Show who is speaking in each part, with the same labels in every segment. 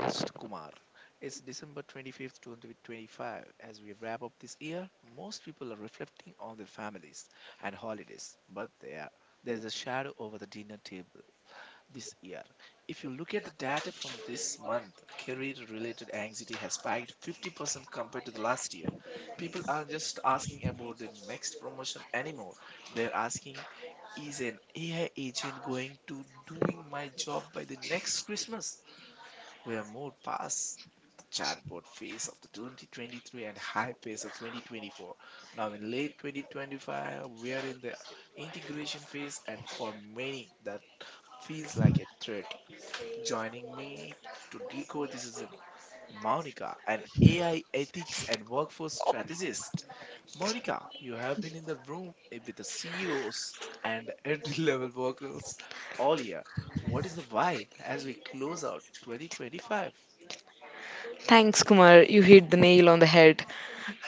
Speaker 1: Mr. Kumar. It's December 25th, 2025. As we wrap up this year, most people are reflecting on their families and holidays, but there is a shadow over the dinner table this year. If you look at the data from this month, career related anxiety has spiked 50% compared to the last year. People aren't just asking about the next promotion anymore, they're asking, is an AI agent going to doing my job by the next Christmas? We have moved past chatbot phase of the 2023 and high pace of 2024. Now, in late 2025, we are in the integration phase, and for many, that feels like a threat. Joining me to decode this is Monica, an AI ethics and workforce strategist. Monica, you have been in the room with the CEOs and entry level workers all year. What is the vibe as we close out 2025?
Speaker 2: Thanks, Kumar. You hit the nail on the head.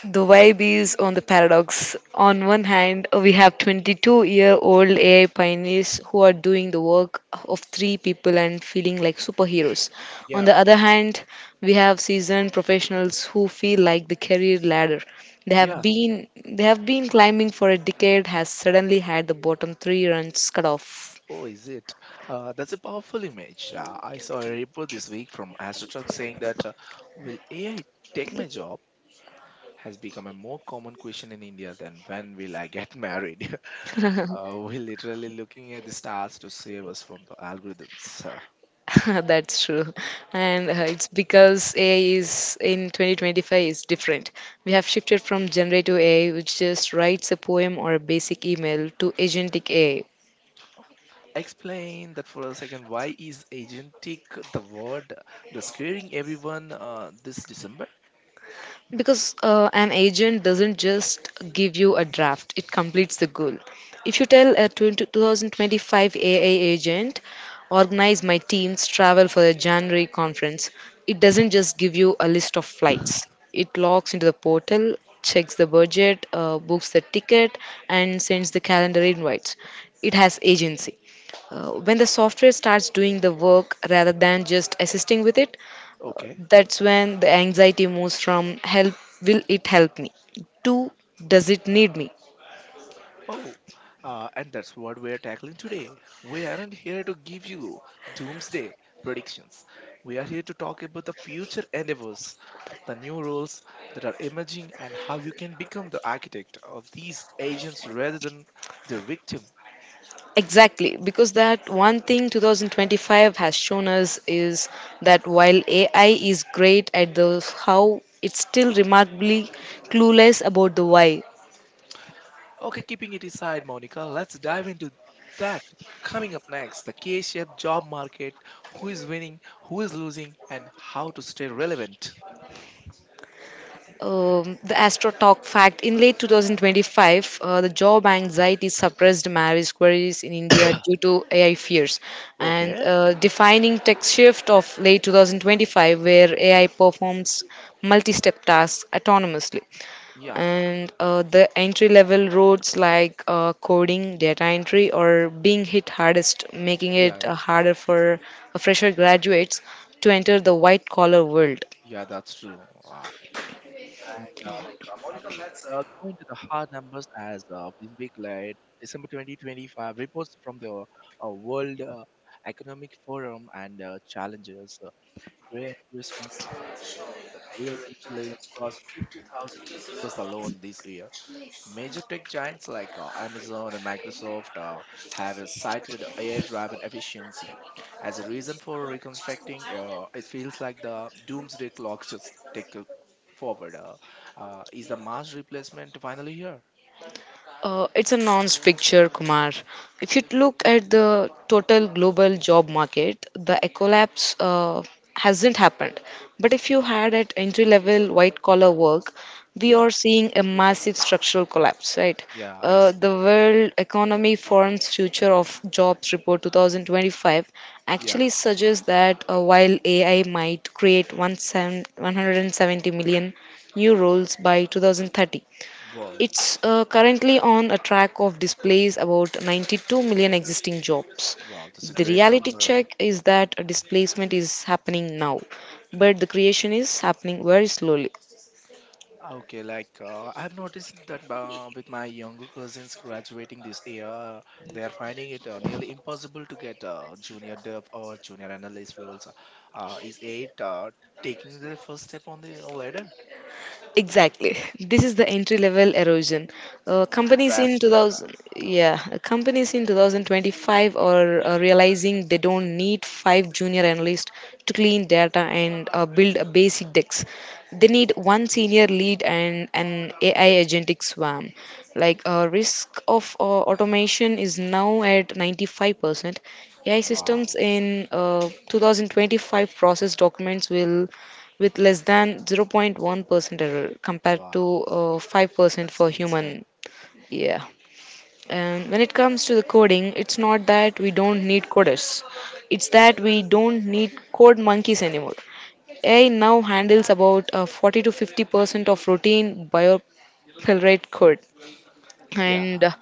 Speaker 2: The vibe is on the paradox. On one hand, we have 22-year-old AI pioneers who are doing the work of three people and feeling like superheroes. On
Speaker 1: Yeah.
Speaker 2: the other hand, we have seasoned professionals who feel like the career ladder they have
Speaker 1: Yeah.
Speaker 2: been they have been climbing for a decade has suddenly had the bottom three runs cut off.
Speaker 1: Oh, is it? That's a powerful image. I saw a report this week from AstroTurk saying that will AI take my job has become a more common question in India than when will I get married. We're literally looking at the stars to save us from the algorithms.
Speaker 2: That's true. And it's because AI is in 2025 is different. We have shifted from generative AI, which just writes a poem or a basic email, to agentic AI.
Speaker 1: Explain that for a second. Why is agentic the word that's scaring everyone this December?
Speaker 2: Because an agent doesn't just give you a draft, it completes the goal. If you tell a 20 2025 AA agent, organize my team's travel for the January conference, it doesn't just give you a list of flights. It logs into the portal, checks the budget, books the ticket, and sends the calendar invites. It has agency. When the software starts doing the work rather than just assisting with it, uh,
Speaker 1: Okay.
Speaker 2: that's when the anxiety moves from help, will it help me, to does it need me?
Speaker 1: Oh, and that's what we're tackling today. We aren't here to give you doomsday predictions. We are here to talk about the future endeavors, the new roles that are emerging, and how you can become the architect of these agents rather than their victim.
Speaker 2: Exactly, because that one thing 2025 has shown us is that while AI is great at the how, it's still remarkably clueless about the why.
Speaker 1: Okay, keeping it aside, Monica, let's dive into that. Coming up next, the K shaped job market who is winning, who is losing, and how to stay relevant.
Speaker 2: The Astro Talk fact in late 2025, the job anxiety suppressed marriage queries in India due to AI fears, and
Speaker 1: Okay.
Speaker 2: defining tech shift of late 2025, where AI performs multi-step tasks autonomously,
Speaker 1: Yeah,
Speaker 2: and the entry-level roles like coding, data entry, are being hit hardest, making
Speaker 1: yeah,
Speaker 2: it
Speaker 1: yeah,
Speaker 2: harder for fresher graduates to enter the white-collar world.
Speaker 1: yeah, that's true. Wow. And Monica, let's go into the hard numbers as of this week, like December 2025 reports from the World Economic Forum and challenges. Where investment failed to lay across 50,000 was alone this year. Major tech giants like Amazon and Microsoft have cited AI-driven efficiency as a reason for reconstructing. It feels like the doomsday clock just take a forward. Is the mass replacement finally here?
Speaker 2: It's a nonce picture, Kumar. If you look at the total global job market, the collapse hasn't happened. But if you had at entry level white collar work, we are
Speaker 1: Yeah,
Speaker 2: seeing a massive structural collapse, right?
Speaker 1: yeah, I, s-
Speaker 2: The World Economy Forum's Future of Jobs Report 2025
Speaker 1: yeah.
Speaker 2: actually suggests that while AI might create 170 million new roles by 2030,
Speaker 1: Wow.
Speaker 2: it's currently on a track of displays about 92 million existing jobs.
Speaker 1: Wow, that's a
Speaker 2: The
Speaker 1: great
Speaker 2: reality
Speaker 1: number.
Speaker 2: check is that a displacement is happening now, but the creation is happening very slowly.
Speaker 1: Ah, okay, like I've noticed that with my younger cousins graduating this year, they are finding it nearly impossible to get junior dev or junior analyst roles. Is eight taking their first step on the ladder?
Speaker 2: Exactly. This is the entry level erosion.
Speaker 1: Oh, the
Speaker 2: Companies in
Speaker 1: drastic!
Speaker 2: 2000, yeah, companies in 2025 are realizing they don't need five junior analysts to clean data and build a basic decks. They need one senior lead and an AI agentic swarm. Like risk of automation is now at 95%. AI systems
Speaker 1: Wow.
Speaker 2: in 2025 process documents will with less than 0.1% error compared to
Speaker 1: wow,
Speaker 2: 5%
Speaker 1: that's
Speaker 2: for
Speaker 1: insane.
Speaker 2: human. Yeah. And when it comes to the coding, it's not that we don't need coders, it's that we don't need code monkeys anymore. AI now handles about 40 to 50% of routine biopilrate code.
Speaker 1: Yeah.
Speaker 2: And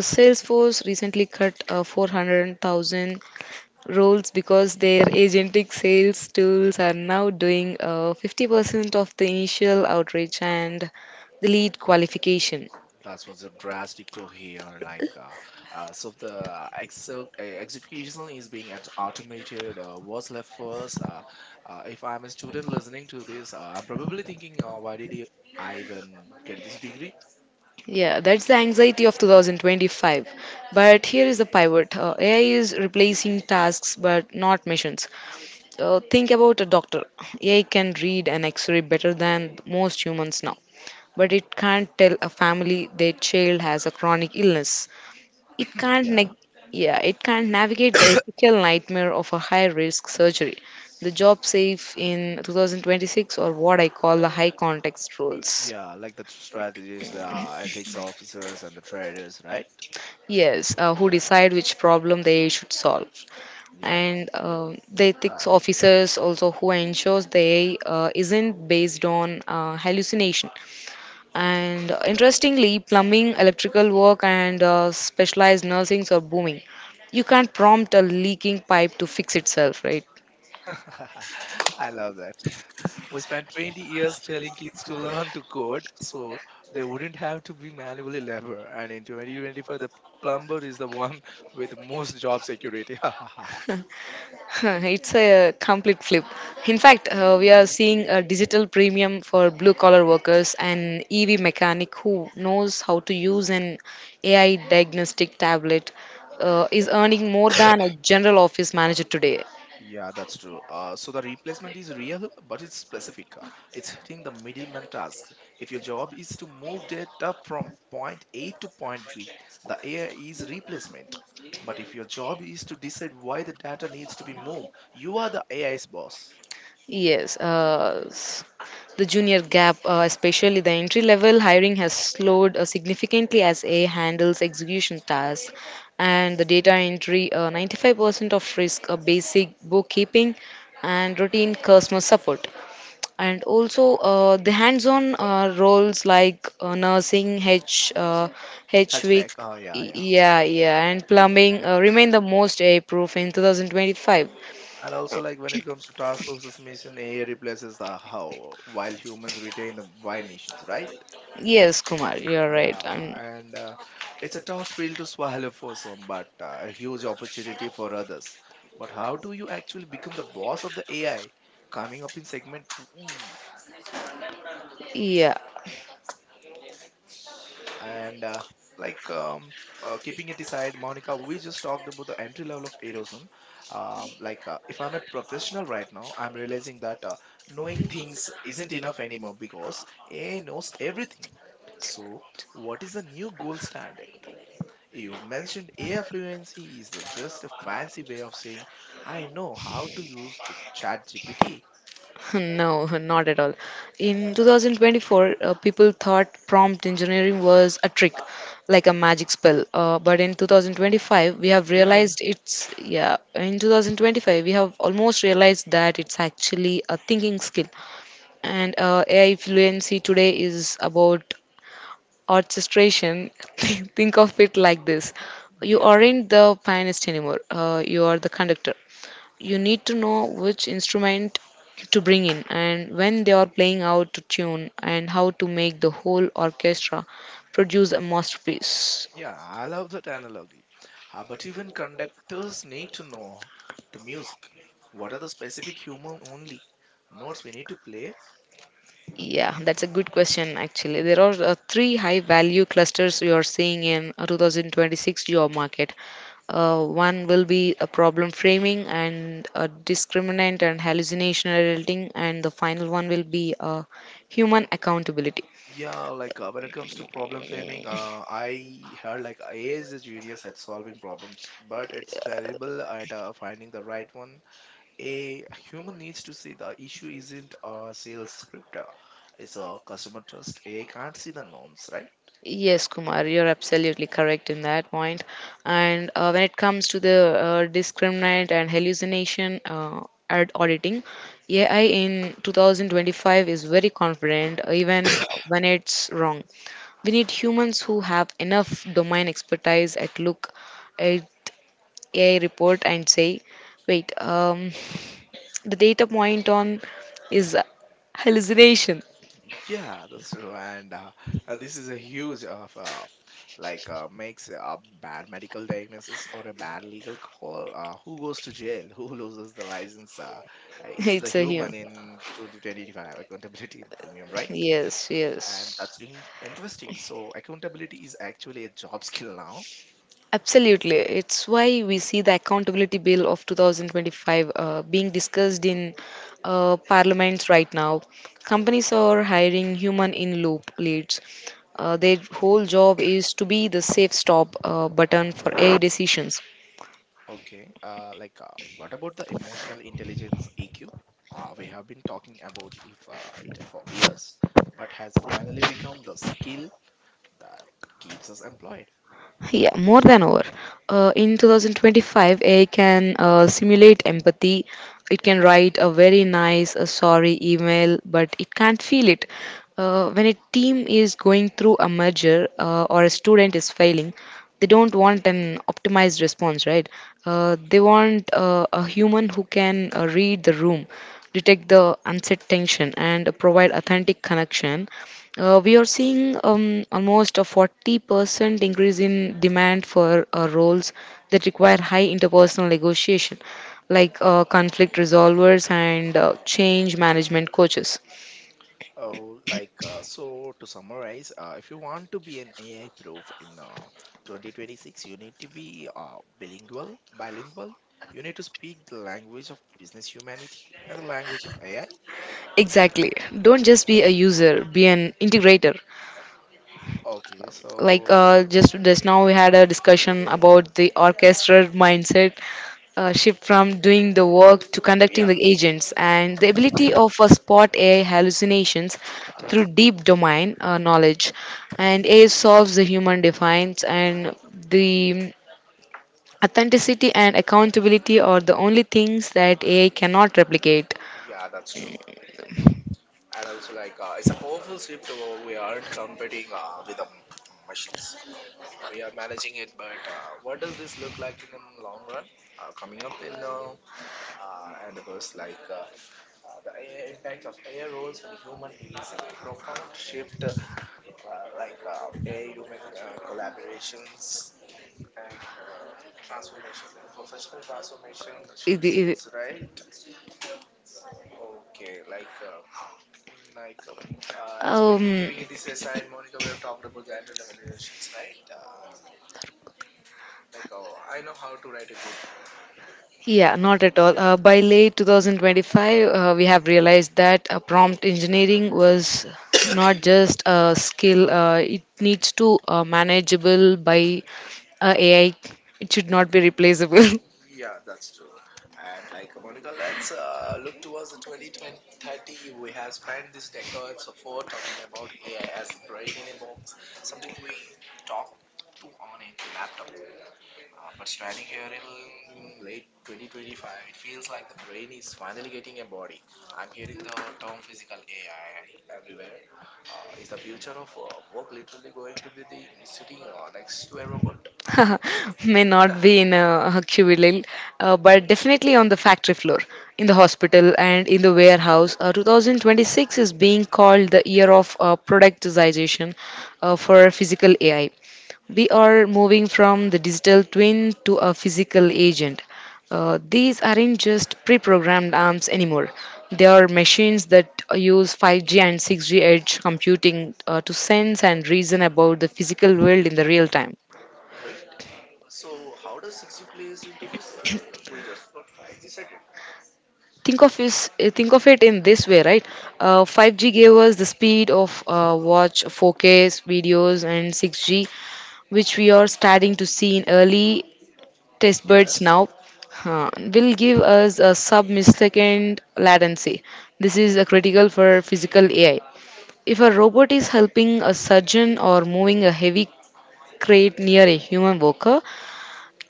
Speaker 2: Salesforce recently cut 400,000 roles because their agentic sales tools are now doing 50% of the initial outreach and the lead qualification.
Speaker 1: That was a drastic to hear. So the excel execution is being at automated. What's left for us? If I'm a student listening to this, I'm probably thinking, I even get this degree?
Speaker 2: Yeah, that's the anxiety of 2025. But here is the pivot AI is replacing tasks but not missions. Think about a doctor. AI can read an x ray better than most humans now, but it can't tell a family their child has a chronic illness. It can't
Speaker 1: yeah,
Speaker 2: neg- yeah, it can't navigate the ethical nightmare of a high-risk surgery. The job safe in 2026 or what I call the high context rules.
Speaker 1: yeah, like the strategies, the ethics officers, and the traders, right?
Speaker 2: Yes, who decide
Speaker 1: Like,
Speaker 2: which problem they should solve.
Speaker 1: yeah,
Speaker 2: And the ethics
Speaker 1: uh,
Speaker 2: officers also who ensures they isn't based on hallucination. And interestingly, plumbing, electrical work, and specialized nursings are booming. You can't prompt a leaking pipe to fix itself, right?
Speaker 1: I love that. We spent 20 years telling kids to learn to code so they wouldn't have to be manually labor and in 2025 the plumber is the one with most job security.
Speaker 2: It's a complete flip. In fact, we are seeing a digital premium for blue collar workers and EV mechanic who knows how to use an AI diagnostic tablet is earning more than a general office manager today.
Speaker 1: Yeah, that's true, so the replacement is real but it's specific. It's hitting the middleman tasks. If your job is to move data from point a to point b, the ai is replacement, but if your job is to decide why the data needs to be moved, you are the ai's boss.
Speaker 2: Yes, the junior gap, especially the entry level hiring, has slowed significantly as A I handles execution tasks and the data entry. 95% of risk, basic bookkeeping, and routine customer support. And also the hands on roles like nursing,
Speaker 1: Hatchback,
Speaker 2: HVIC,
Speaker 1: oh yeah, yeah.
Speaker 2: yeah, yeah, and plumbing remain the most A proof in 2025.
Speaker 1: And also, like when it comes to task versus mission, AI replaces the how, while humans retain the why missions, right?
Speaker 2: Yes, Kumar, you're right.
Speaker 1: Yeah, and it's a tough pill to swallow for some, but a huge opportunity for others. But how do you actually become the boss of the AI? Coming up in segment two.
Speaker 2: Yeah,
Speaker 1: And like Keeping it aside, Monica, we just talked about the entry level of erosion. Like if I'm a professional right now, I'm realizing that knowing things isn't enough anymore because ai knows everything, so what is the new gold standard? You've mentioned ai fluency is just a fancy way of saying I know how to use the chat gpt.
Speaker 2: no, not at all. In 2024, people thought prompt engineering was a trick, like a magic spell. Uh, but in 2025, we have
Speaker 1: yeah
Speaker 2: realized it's, yeah, in 2025, we have almost realized that it's actually a thinking skill. And AI fluency today is about orchestration. Think of it like this, you
Speaker 1: yeah
Speaker 2: aren't the pianist anymore, you are the conductor. You need to know which instrument to bring in and when they are playing out to tune and how to make the whole orchestra produce a masterpiece.
Speaker 1: Yeah, I love that analogy. But even conductors need to know the music. What are the specific human only notes we need to play?
Speaker 2: Yeah, that's a good question actually. There are three high value clusters we are seeing in a 2026 job market. One will be a problem framing and a discriminant and hallucination editing, and the final one will be human accountability.
Speaker 1: Yeah, like when it comes to problem framing, I heard like AI is a genius at solving problems, but it's terrible at finding the right one. A human needs to see the issue isn't a sales script, it's a customer trust. AI can't see the norms, right?
Speaker 2: Yes, Kumar, you're absolutely correct in that point. And when it comes to the discriminant and hallucination ad auditing, AI in 2025 is very confident, even when it's wrong. We need humans who have enough domain expertise at look at AI report and say, wait, the data point on is hallucination.
Speaker 1: Yeah, that's true, and this is a huge of like makes a bad medical diagnosis or a bad legal call. Who goes to jail? Who loses the license? It's the
Speaker 2: It's a human.
Speaker 1: human in 2025 accountability in premium, right?
Speaker 2: Yes,
Speaker 1: And that's
Speaker 2: yes.
Speaker 1: interesting. So accountability is actually a job skill now.
Speaker 2: Absolutely. It's why we see the Accountability Bill of 2025 being discussed in parliaments right now. Companies are hiring human in loop leads. Their whole job is to be the safe stop button for AI decisions.
Speaker 1: Okay. What about the emotional intelligence (EQ)? We have been talking about if it for years, but has it finally become the skill that keeps us employed.
Speaker 2: Yeah, more than over. In 2025, AI can simulate empathy. It can write a very nice, a sorry email, but it can't feel it. When a team is going through a merger or a student is failing, they don't want an optimized response, right? They
Speaker 1: Okay.
Speaker 2: want a human who can read the room, detect the unset tension, and provide authentic connection. We are seeing almost a 40% increase in demand for roles that require high interpersonal negotiation, like conflict resolvers and change management coaches.
Speaker 1: Oh, like so to summarize, if you want to be an AI proof in 2026, you need to be bilingual. You need to speak the language of business humanity and the language of AI.
Speaker 2: Exactly. Don't just be a user, be an integrator.
Speaker 1: Okay,
Speaker 2: Like
Speaker 1: so
Speaker 2: just now we had a discussion about the orchestra mindset, shift from doing the work to conducting
Speaker 1: yeah,
Speaker 2: the agents, and the ability of a spot AI hallucinations through deep domain knowledge. And AI solves the human defines, and the authenticity and accountability are the only things that AI cannot replicate. It- it- um, Yeah, not at all. By late 2025, we have realized that prompt engineering was not just a skill, it needs to manageable by AI. It should not be replaceable. May not be in a cubicle, but definitely on the factory floor, in the hospital, and in the warehouse. 2026 is being called the year of productization for physical AI. We are moving from the digital twin to a physical agent. These aren't just pre programmed arms anymore. They are machines that use 5G and 6G edge computing to sense and reason about the physical world in the real time. Think of it in this way, right? 5G gave us the speed of watch 4K videos and 6G, which we are starting to see in early test buds
Speaker 1: yes.
Speaker 2: now will give us a sub-millisecond latency. This is critical for physical AI. If a robot is helping a surgeon or moving a heavy crate near a human worker,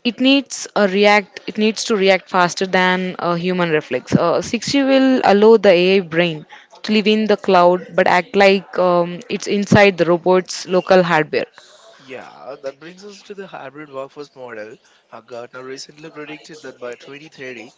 Speaker 2: it needs a react. It needs to react faster than a human reflex. 60 will allow the AI brain to live in the cloud but act like it's inside the robot's local hardware.
Speaker 1: Yeah, that brings us to the hybrid workforce model. Gartner recently predicted that by 2030,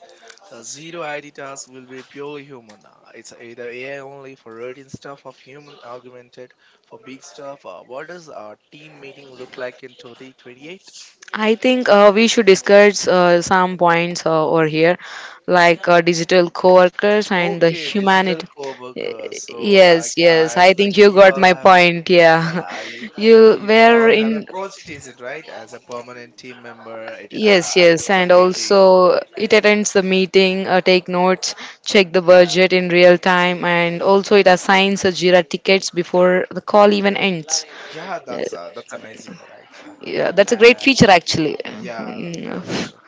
Speaker 1: zero ID tasks will be purely human. It's either AI only for routine stuff or human augmented for big stuff. What does a team meeting look like in 2028?
Speaker 2: I think we should discuss some points over here, like digital coworkers and the
Speaker 1: Okay, digital
Speaker 2: humanity. Y-
Speaker 1: co-workers. So like
Speaker 2: Yes, yes.
Speaker 1: as
Speaker 2: I
Speaker 1: like
Speaker 2: think you
Speaker 1: you
Speaker 2: got
Speaker 1: all
Speaker 2: my
Speaker 1: have.
Speaker 2: point. Yeah,
Speaker 1: Yeah, you,
Speaker 2: you
Speaker 1: you
Speaker 2: were
Speaker 1: all have a
Speaker 2: in.
Speaker 1: project agent, right? As a permanent team member, it
Speaker 2: Yes,
Speaker 1: attends
Speaker 2: yes,
Speaker 1: the
Speaker 2: and
Speaker 1: meeting.
Speaker 2: also it attends the meeting, take notes, check the
Speaker 1: Yeah.
Speaker 2: budget in real time, and also it assigns a Jira tickets before the call even ends.
Speaker 1: Yeah,
Speaker 2: Eh,
Speaker 1: that's amazing, right? Yeah,
Speaker 2: Yeah, that's a great
Speaker 1: uh,
Speaker 2: feature actually.
Speaker 1: yeah, yeah, that's
Speaker 2: Mm.
Speaker 1: true.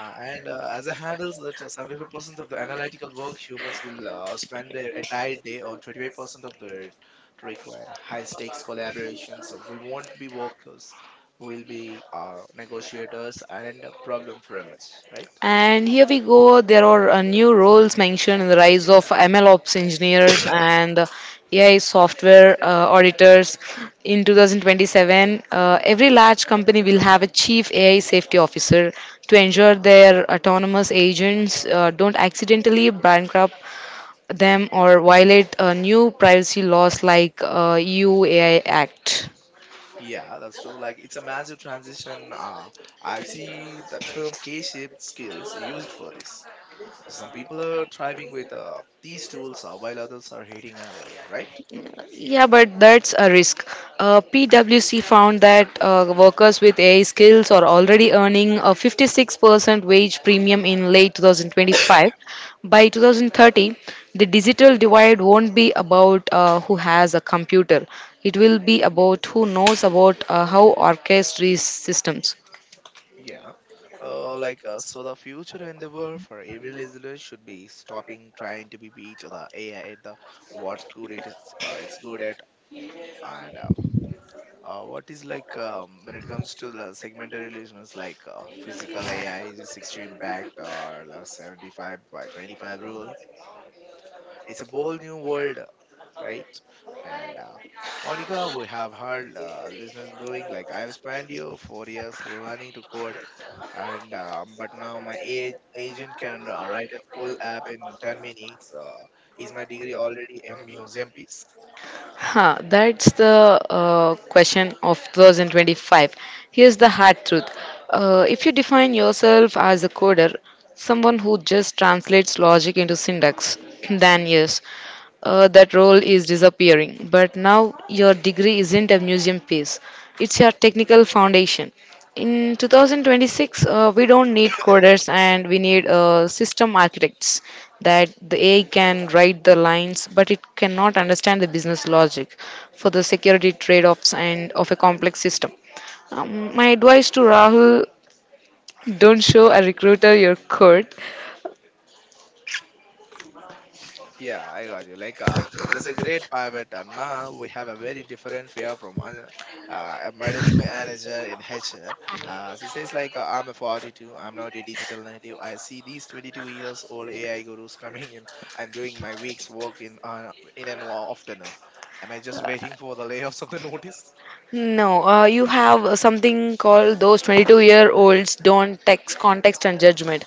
Speaker 1: And As a handles that 75% of the analytical work humans will spend their entire day on 25% of the to require high stakes collaboration. So we won't be workers, we'll be negotiators and problem framers, right?
Speaker 2: And here we go. There are new roles mentioned in the rise of ML ops engineers and AI software auditors. In 2027, every large company will have a chief AI safety officer to
Speaker 1: Yeah,
Speaker 2: ensure their autonomous agents don't accidentally bankrupt them or violate new privacy laws like EU AI Act.
Speaker 1: yeah, that's true. Like it's a massive transition. I see the term K-shaped skills used for this. Some people are thriving with these tools while others are hating, well, right?
Speaker 2: Yeah, but that's a risk. PwC found that workers with AI skills are already earning a 56% wage premium in late 2025. By 2030, the digital divide won't be about who has a computer. It will be about who knows about how orchestrates systems.
Speaker 1: Yeah. So, the future endeavor for every listener should be stopping trying to be beat the AI at the what's good it is it's good at, and what is when it comes to the segmented listeners like physical AI is extreme impact or like 75 by 25 rule. It's a bold new world, right? And Monica, we have heard listeners growing. Like I've spent you 4 years learning to code, and but now my AI agent can write full app in 10 minutes. Is my degree already a museum piece?
Speaker 2: Huh, that's the question of 2025. Here's the hard truth. If you define yourself as a coder, someone who just translates logic into syntax, then yes, that role is disappearing. But now your degree isn't a museum piece, it's your technical foundation. In 2026, we don't need coders and we need system architects that the AI can write the lines, but it cannot understand the business logic for the security trade offs and of a complex system. My advice to Rahul, don't show a recruiter your code.
Speaker 1: Yeah, I got you. That's a great pivot, and now we have a very different fear from a middle manager in HR. She says, I'm a 42, I'm not a digital native. I see these 22 years old AI gurus coming in and doing my week's work in an afternoon. Am I just waiting for the layoffs of the notice?
Speaker 2: No, you have something called, those 22-year-olds don't text context and judgment.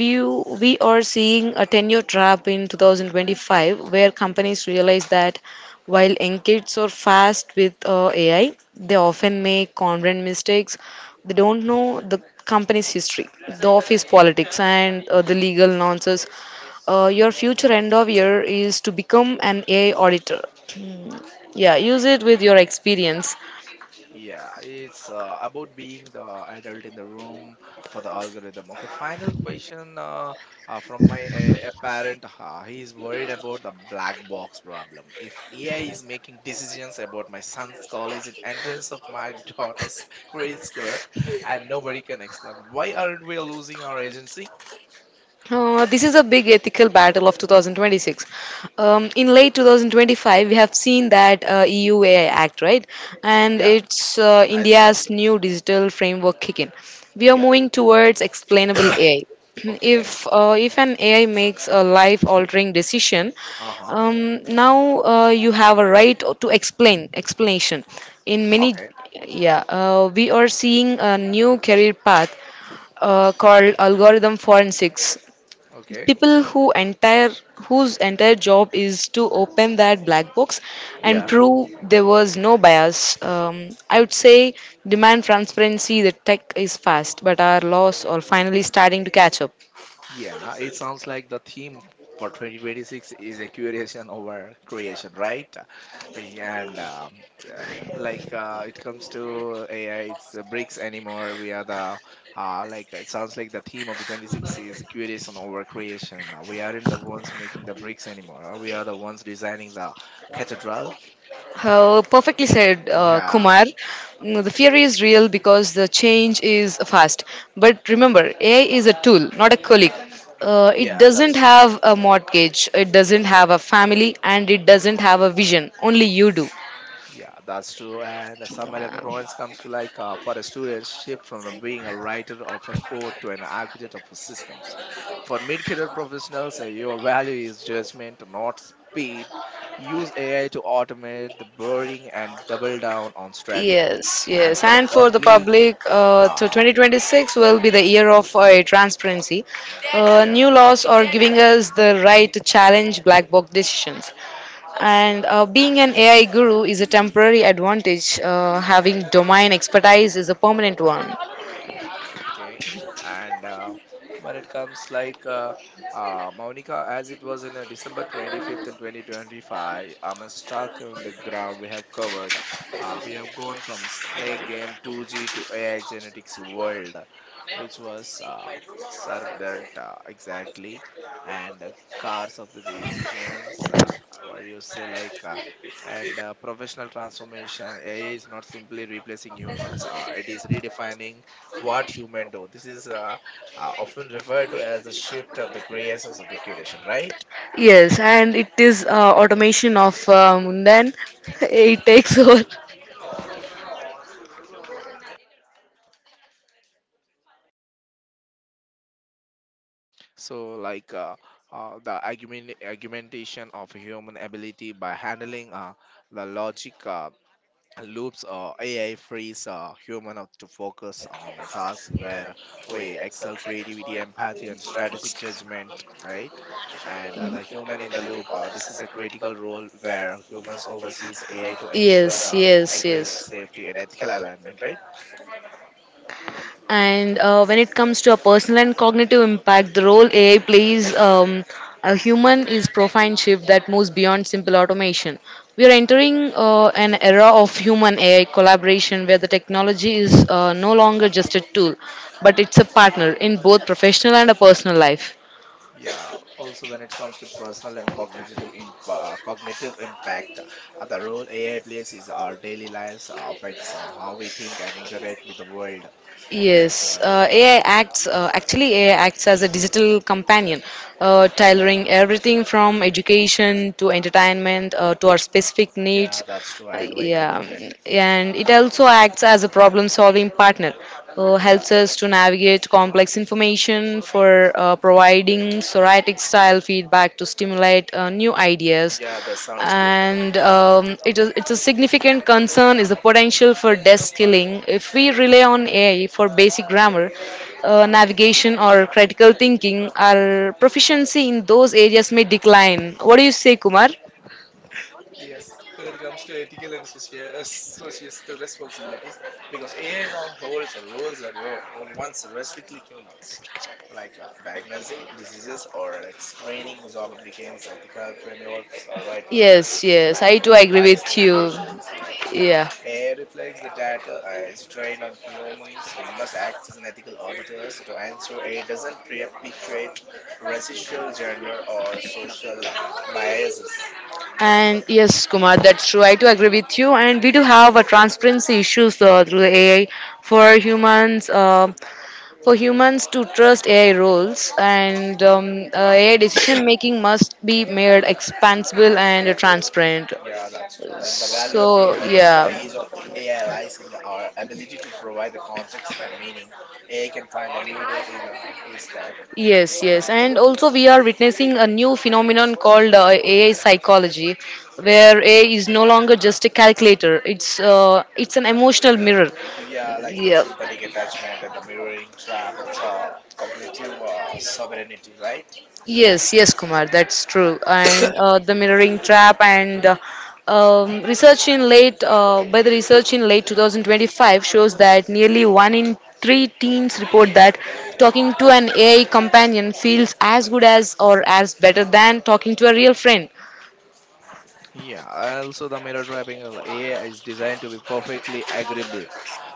Speaker 2: We are seeing a tenure trap in 2025, where companies realize that while young kids are fast with AI, they often make content mistakes. They don't know the company's history, the office politics, and the legal nonsense. Your future end of year is to become an AI auditor. Yeah, use it with your experience.
Speaker 1: Yeah, it's about being the adult in the room for the algorithm. Okay, final question from my a parent. He's worried about the black box problem. If AI is making decisions about my son's college and entrance of my daughter's grade score, and nobody can explain why aren't we losing our agency?
Speaker 2: This is a big ethical battle of 2026. In late 2025, we have seen that EU AI Act, right? And yeah,
Speaker 1: Yeah,
Speaker 2: it's right.
Speaker 1: I see.
Speaker 2: India's new digital framework kick in. We are
Speaker 1: Yeah.
Speaker 2: moving towards explainable AI.
Speaker 1: Okay.
Speaker 2: If an AI makes a life-altering decision,
Speaker 1: Uh huh.
Speaker 2: now you have a right to explain explanation. In many,
Speaker 1: Okay.
Speaker 2: yeah, we are seeing a new career path called algorithm forensics,
Speaker 1: Okay.
Speaker 2: people who entire whose entire job is to open that black box and
Speaker 1: Yeah.
Speaker 2: prove there was no bias. I would say, demand transparency. The tech is fast, but our laws are finally starting to catch up.
Speaker 1: Yeah, it sounds like the theme for 2026 is a curation over creation, right? And uh, like It comes to AI, it's bricks anymore. We are the like It sounds like the theme of the 26 is curation over creation. We aren't the ones making the bricks anymore. We are the ones designing the cathedral.
Speaker 2: Perfectly said,
Speaker 1: Yeah,
Speaker 2: Kumar. Mm, the fear is real because the change is fast, but remember, AI is a tool, not a colleague. It
Speaker 1: yeah,
Speaker 2: doesn't
Speaker 1: that's true.
Speaker 2: have a mortgage, it doesn't have a family, and it doesn't have a vision. Only you do.
Speaker 1: Yeah, that's true. And the summary of the province comes to like for a student, shift from a being a writer of a code to an architect of a systems. For mid-career professionals, your value is judgment, not speed. Use AI to automate the boring and double down on strategy.
Speaker 2: Yes,
Speaker 1: And
Speaker 2: yes.
Speaker 1: for the
Speaker 2: And for the
Speaker 1: public,
Speaker 2: public, to
Speaker 1: uh,
Speaker 2: 2026 will be the year of transparency.
Speaker 1: yeah,
Speaker 2: New laws are giving us the right to challenge black box decisions. And being an AI guru is a temporary advantage. Having domain expertise is a permanent one.
Speaker 1: okay and when it comes like, Monica, as it was in December 25th and 2025, I'm stuck on the ground. We have covered, we have gone from snake game 2G to AI genetics world, which was servant, exactly. And cars of the engines, what do you say, like and professional transformation. AI is not simply replacing humans, it is redefining what human do. This is often referred to as the shift of the gray essence of the curation, right?
Speaker 2: Yes, and it is automation of then it takes over.
Speaker 1: So, like, the argumentation of human ability by handling the logic. Loops or AI frees human up to focus on a task where we excel creativity, empathy, and strategic judgment, right? And the human in the loop, this is a critical role where humans oversees AI to ensure
Speaker 2: Yes, yes,
Speaker 1: accuracy,
Speaker 2: yes.
Speaker 1: safety, and ethical alignment, right?
Speaker 2: And when it comes to a personal and cognitive impact, the role AI plays a human is profound shift that moves beyond simple automation. We are entering an era of human AI collaboration where the technology is no longer just a tool, but it's a partner in both professional and a personal life.
Speaker 1: Yeah. Also, when it comes to personal and cognitive cognitive impact, the role AI plays is our daily lives affects how we think and interact with the world. And
Speaker 2: Yes, uh, AI acts uh, actually AI acts as a digital companion, tailoring everything from education to entertainment to our specific
Speaker 1: yeah,
Speaker 2: needs.
Speaker 1: that's true. I do agree with
Speaker 2: Yeah,
Speaker 1: it.
Speaker 2: and it also acts as a problem-solving partner.
Speaker 1: Yeah,
Speaker 2: Helps us to navigate complex information for providing psoriatic style feedback to stimulate new ideas.
Speaker 1: yeah, that sounds good.
Speaker 2: And It's a significant concern is the potential for desk killing if we rely on AI for basic grammar, navigation or critical thinking. Our proficiency in those areas may decline. What do you say, Kumar?
Speaker 1: Yes, when it comes to ethical and societal responsibilities, because AI now holds roles that were once restrictly humans, like diagnosing diseases or like screening job applicants, ethical frameworks are vital.
Speaker 2: Yes, yes,
Speaker 1: Like
Speaker 2: I too agree
Speaker 1: bias
Speaker 2: with you.
Speaker 1: mitigations, like
Speaker 2: Yeah.
Speaker 1: AI reflects the data is trained on humans, must act as an ethical auditor to ensure AI doesn't perpetuate racial, gender, or social biases.
Speaker 2: And yes, Kumar, that's true. I do agree with you. And we do have a transparency issues uh, through the AI for humans, uh, for humans to trust AI rules and AI decision making must be made expansible and transparent.
Speaker 1: Yeah, that's true. And the value of
Speaker 2: So
Speaker 1: human is
Speaker 2: yeah.
Speaker 1: the age of AI lies in our ability to provide the context and meaning. AI can find a needle in a haystack.
Speaker 2: Yes, yes, and also we are witnessing a new phenomenon called AI psychology, where AI is no longer just a calculator; it's an emotional mirror.
Speaker 1: Yeah, like the
Speaker 2: Yeah.
Speaker 1: synthetic attachment and the mirroring trap and the cognitive sovereignty, right?
Speaker 2: Yes, yes, Kumar, that's true. And the mirroring trap and research in late 2025 shows that nearly one in three teens report that talking to an AI companion feels as good as or as better than talking to a real friend.
Speaker 1: Yeah, also the mirror trapping, AI is designed to be perfectly agreeable,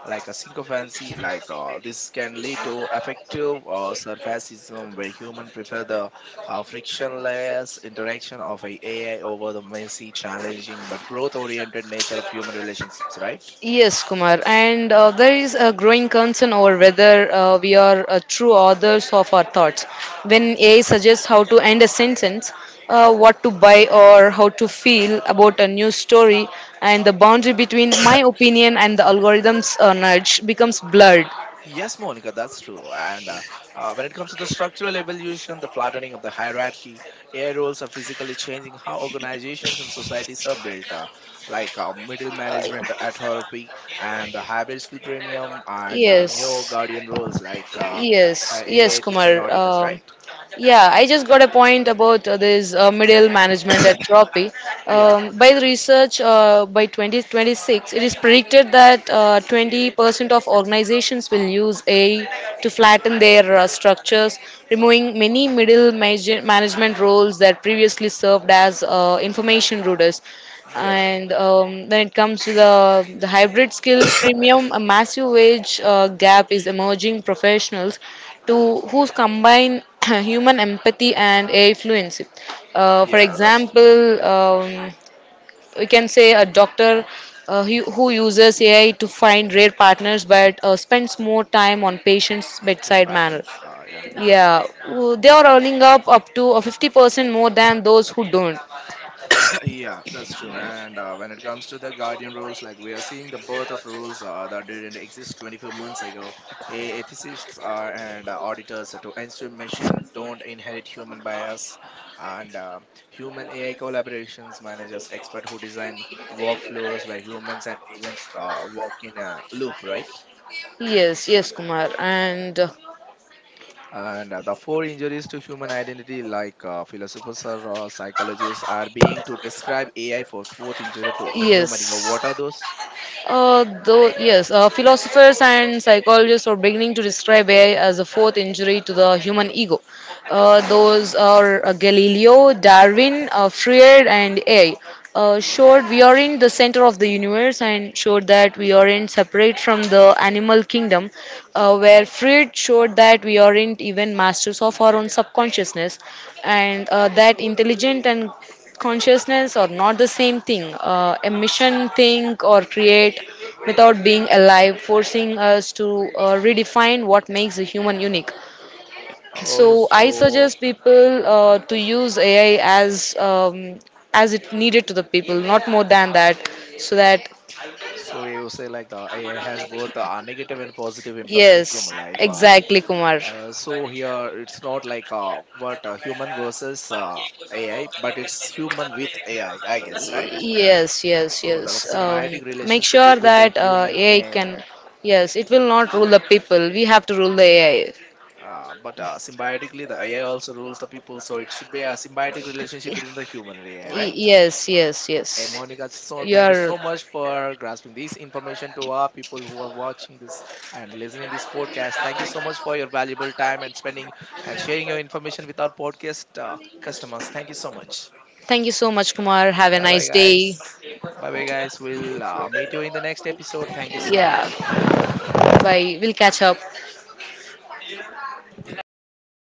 Speaker 1: like a synchrophancy. Like this can lead to effective surfacism, where human prefer the frictionless interaction of a AI over the messy, challenging, but growth-oriented nature of human relationships, right?
Speaker 2: Yes, Kumar. And there is a growing concern over whether we are true authors of our thoughts. When AI suggests how to end a sentence, what to buy, or how to feel about a new story, and the boundary between my opinion and the algorithm's nudge becomes blurred.
Speaker 1: Yes, Monica, that's true. And when it comes to the structural evolution, the flattening of the hierarchy, air roles are physically changing how organizations and societies are built, like, middle management at her peak, and the hybrid skill premium, and new
Speaker 2: Yes,
Speaker 1: guardian roles, like,
Speaker 2: yes,
Speaker 1: A I
Speaker 2: yes,
Speaker 1: ethics
Speaker 2: Kumar.
Speaker 1: and auditors, right?
Speaker 2: Yeah, I just got a point about this medial management atrophy.
Speaker 1: Yeah,
Speaker 2: By the research, by 2026, it is predicted that 20% of organizations will use AI to flatten their structures, removing many management roles that previously served as information routers.
Speaker 1: yeah,
Speaker 2: And When it comes to the hybrid skill premium, a massive wage gap is emerging. Professionals to who combine human empathy and AI fluency, for
Speaker 1: yeah, that's true.
Speaker 2: example, we can say a doctor who uses AI to find rare partners but spends more time on patients
Speaker 1: Yeah,
Speaker 2: bedside manner,
Speaker 1: patterns. Yeah.
Speaker 2: yeah they are earning up to 50% more than those who don't.
Speaker 1: Yeah, that's true. And when it comes to the guardian roles, like we are seeing the birth of rules that didn't exist 24 months ago. Ethicists and auditors to ensure machine don't inherit human bias, and human AI collaborations managers, expert who design workflows where humans and agents work in a loop, right?
Speaker 2: Yes, yes, Kumar. And
Speaker 1: And the four injuries to human identity, like philosophers or psychologists, are being to describe AI for fourth injury to human ego.
Speaker 2: yes.
Speaker 1: What are those?
Speaker 2: Yes, philosophers and psychologists are beginning to describe AI as a fourth injury to the human ego. Those are Galileo, Darwin, Freud, and AI. Showed we are in the center of the universe and showed that we aren't separate from the animal kingdom, where Freud showed that we aren't even masters of our own subconsciousness and that intelligent and consciousness are not the same thing. A mission, think, or create without being alive, forcing us to redefine what makes a human unique.
Speaker 1: Oh,
Speaker 2: So I
Speaker 1: so
Speaker 2: suggest people to use AI as it needed to the people, not more than that, so that
Speaker 1: so you say like the AI has both a negative and positive impact in
Speaker 2: yes,
Speaker 1: human life.
Speaker 2: exactly, Kumar.
Speaker 1: So here it's not like what human versus AI, but it's human with AI, I guess, right?
Speaker 2: Yes, yes,
Speaker 1: So
Speaker 2: yes.
Speaker 1: the symbiotic
Speaker 2: Make
Speaker 1: relationship
Speaker 2: sure
Speaker 1: between the
Speaker 2: that
Speaker 1: human
Speaker 2: AI
Speaker 1: and
Speaker 2: can.
Speaker 1: AI.
Speaker 2: Yes, it will not rule the people. We have to rule the AI.
Speaker 1: But symbiotically, the AI also rules the people, so it should be a symbiotic relationship between the human and AI, right?
Speaker 2: Yes, yes,
Speaker 1: Okay,
Speaker 2: yes.
Speaker 1: Monica, so
Speaker 2: You
Speaker 1: thank you
Speaker 2: are.
Speaker 1: so much for grasping this information to our people who are watching this and listening this podcast. Thank you so much for your valuable time and spending and sharing your information with our podcast customers. Thank you so much.
Speaker 2: Thank you so much, Kumar. Have a
Speaker 1: Bye bye,
Speaker 2: nice
Speaker 1: guys.
Speaker 2: day.
Speaker 1: Bye bye, guys. We'll meet you in the next episode. Thank you so much.
Speaker 2: Yeah. Bye. We'll catch up.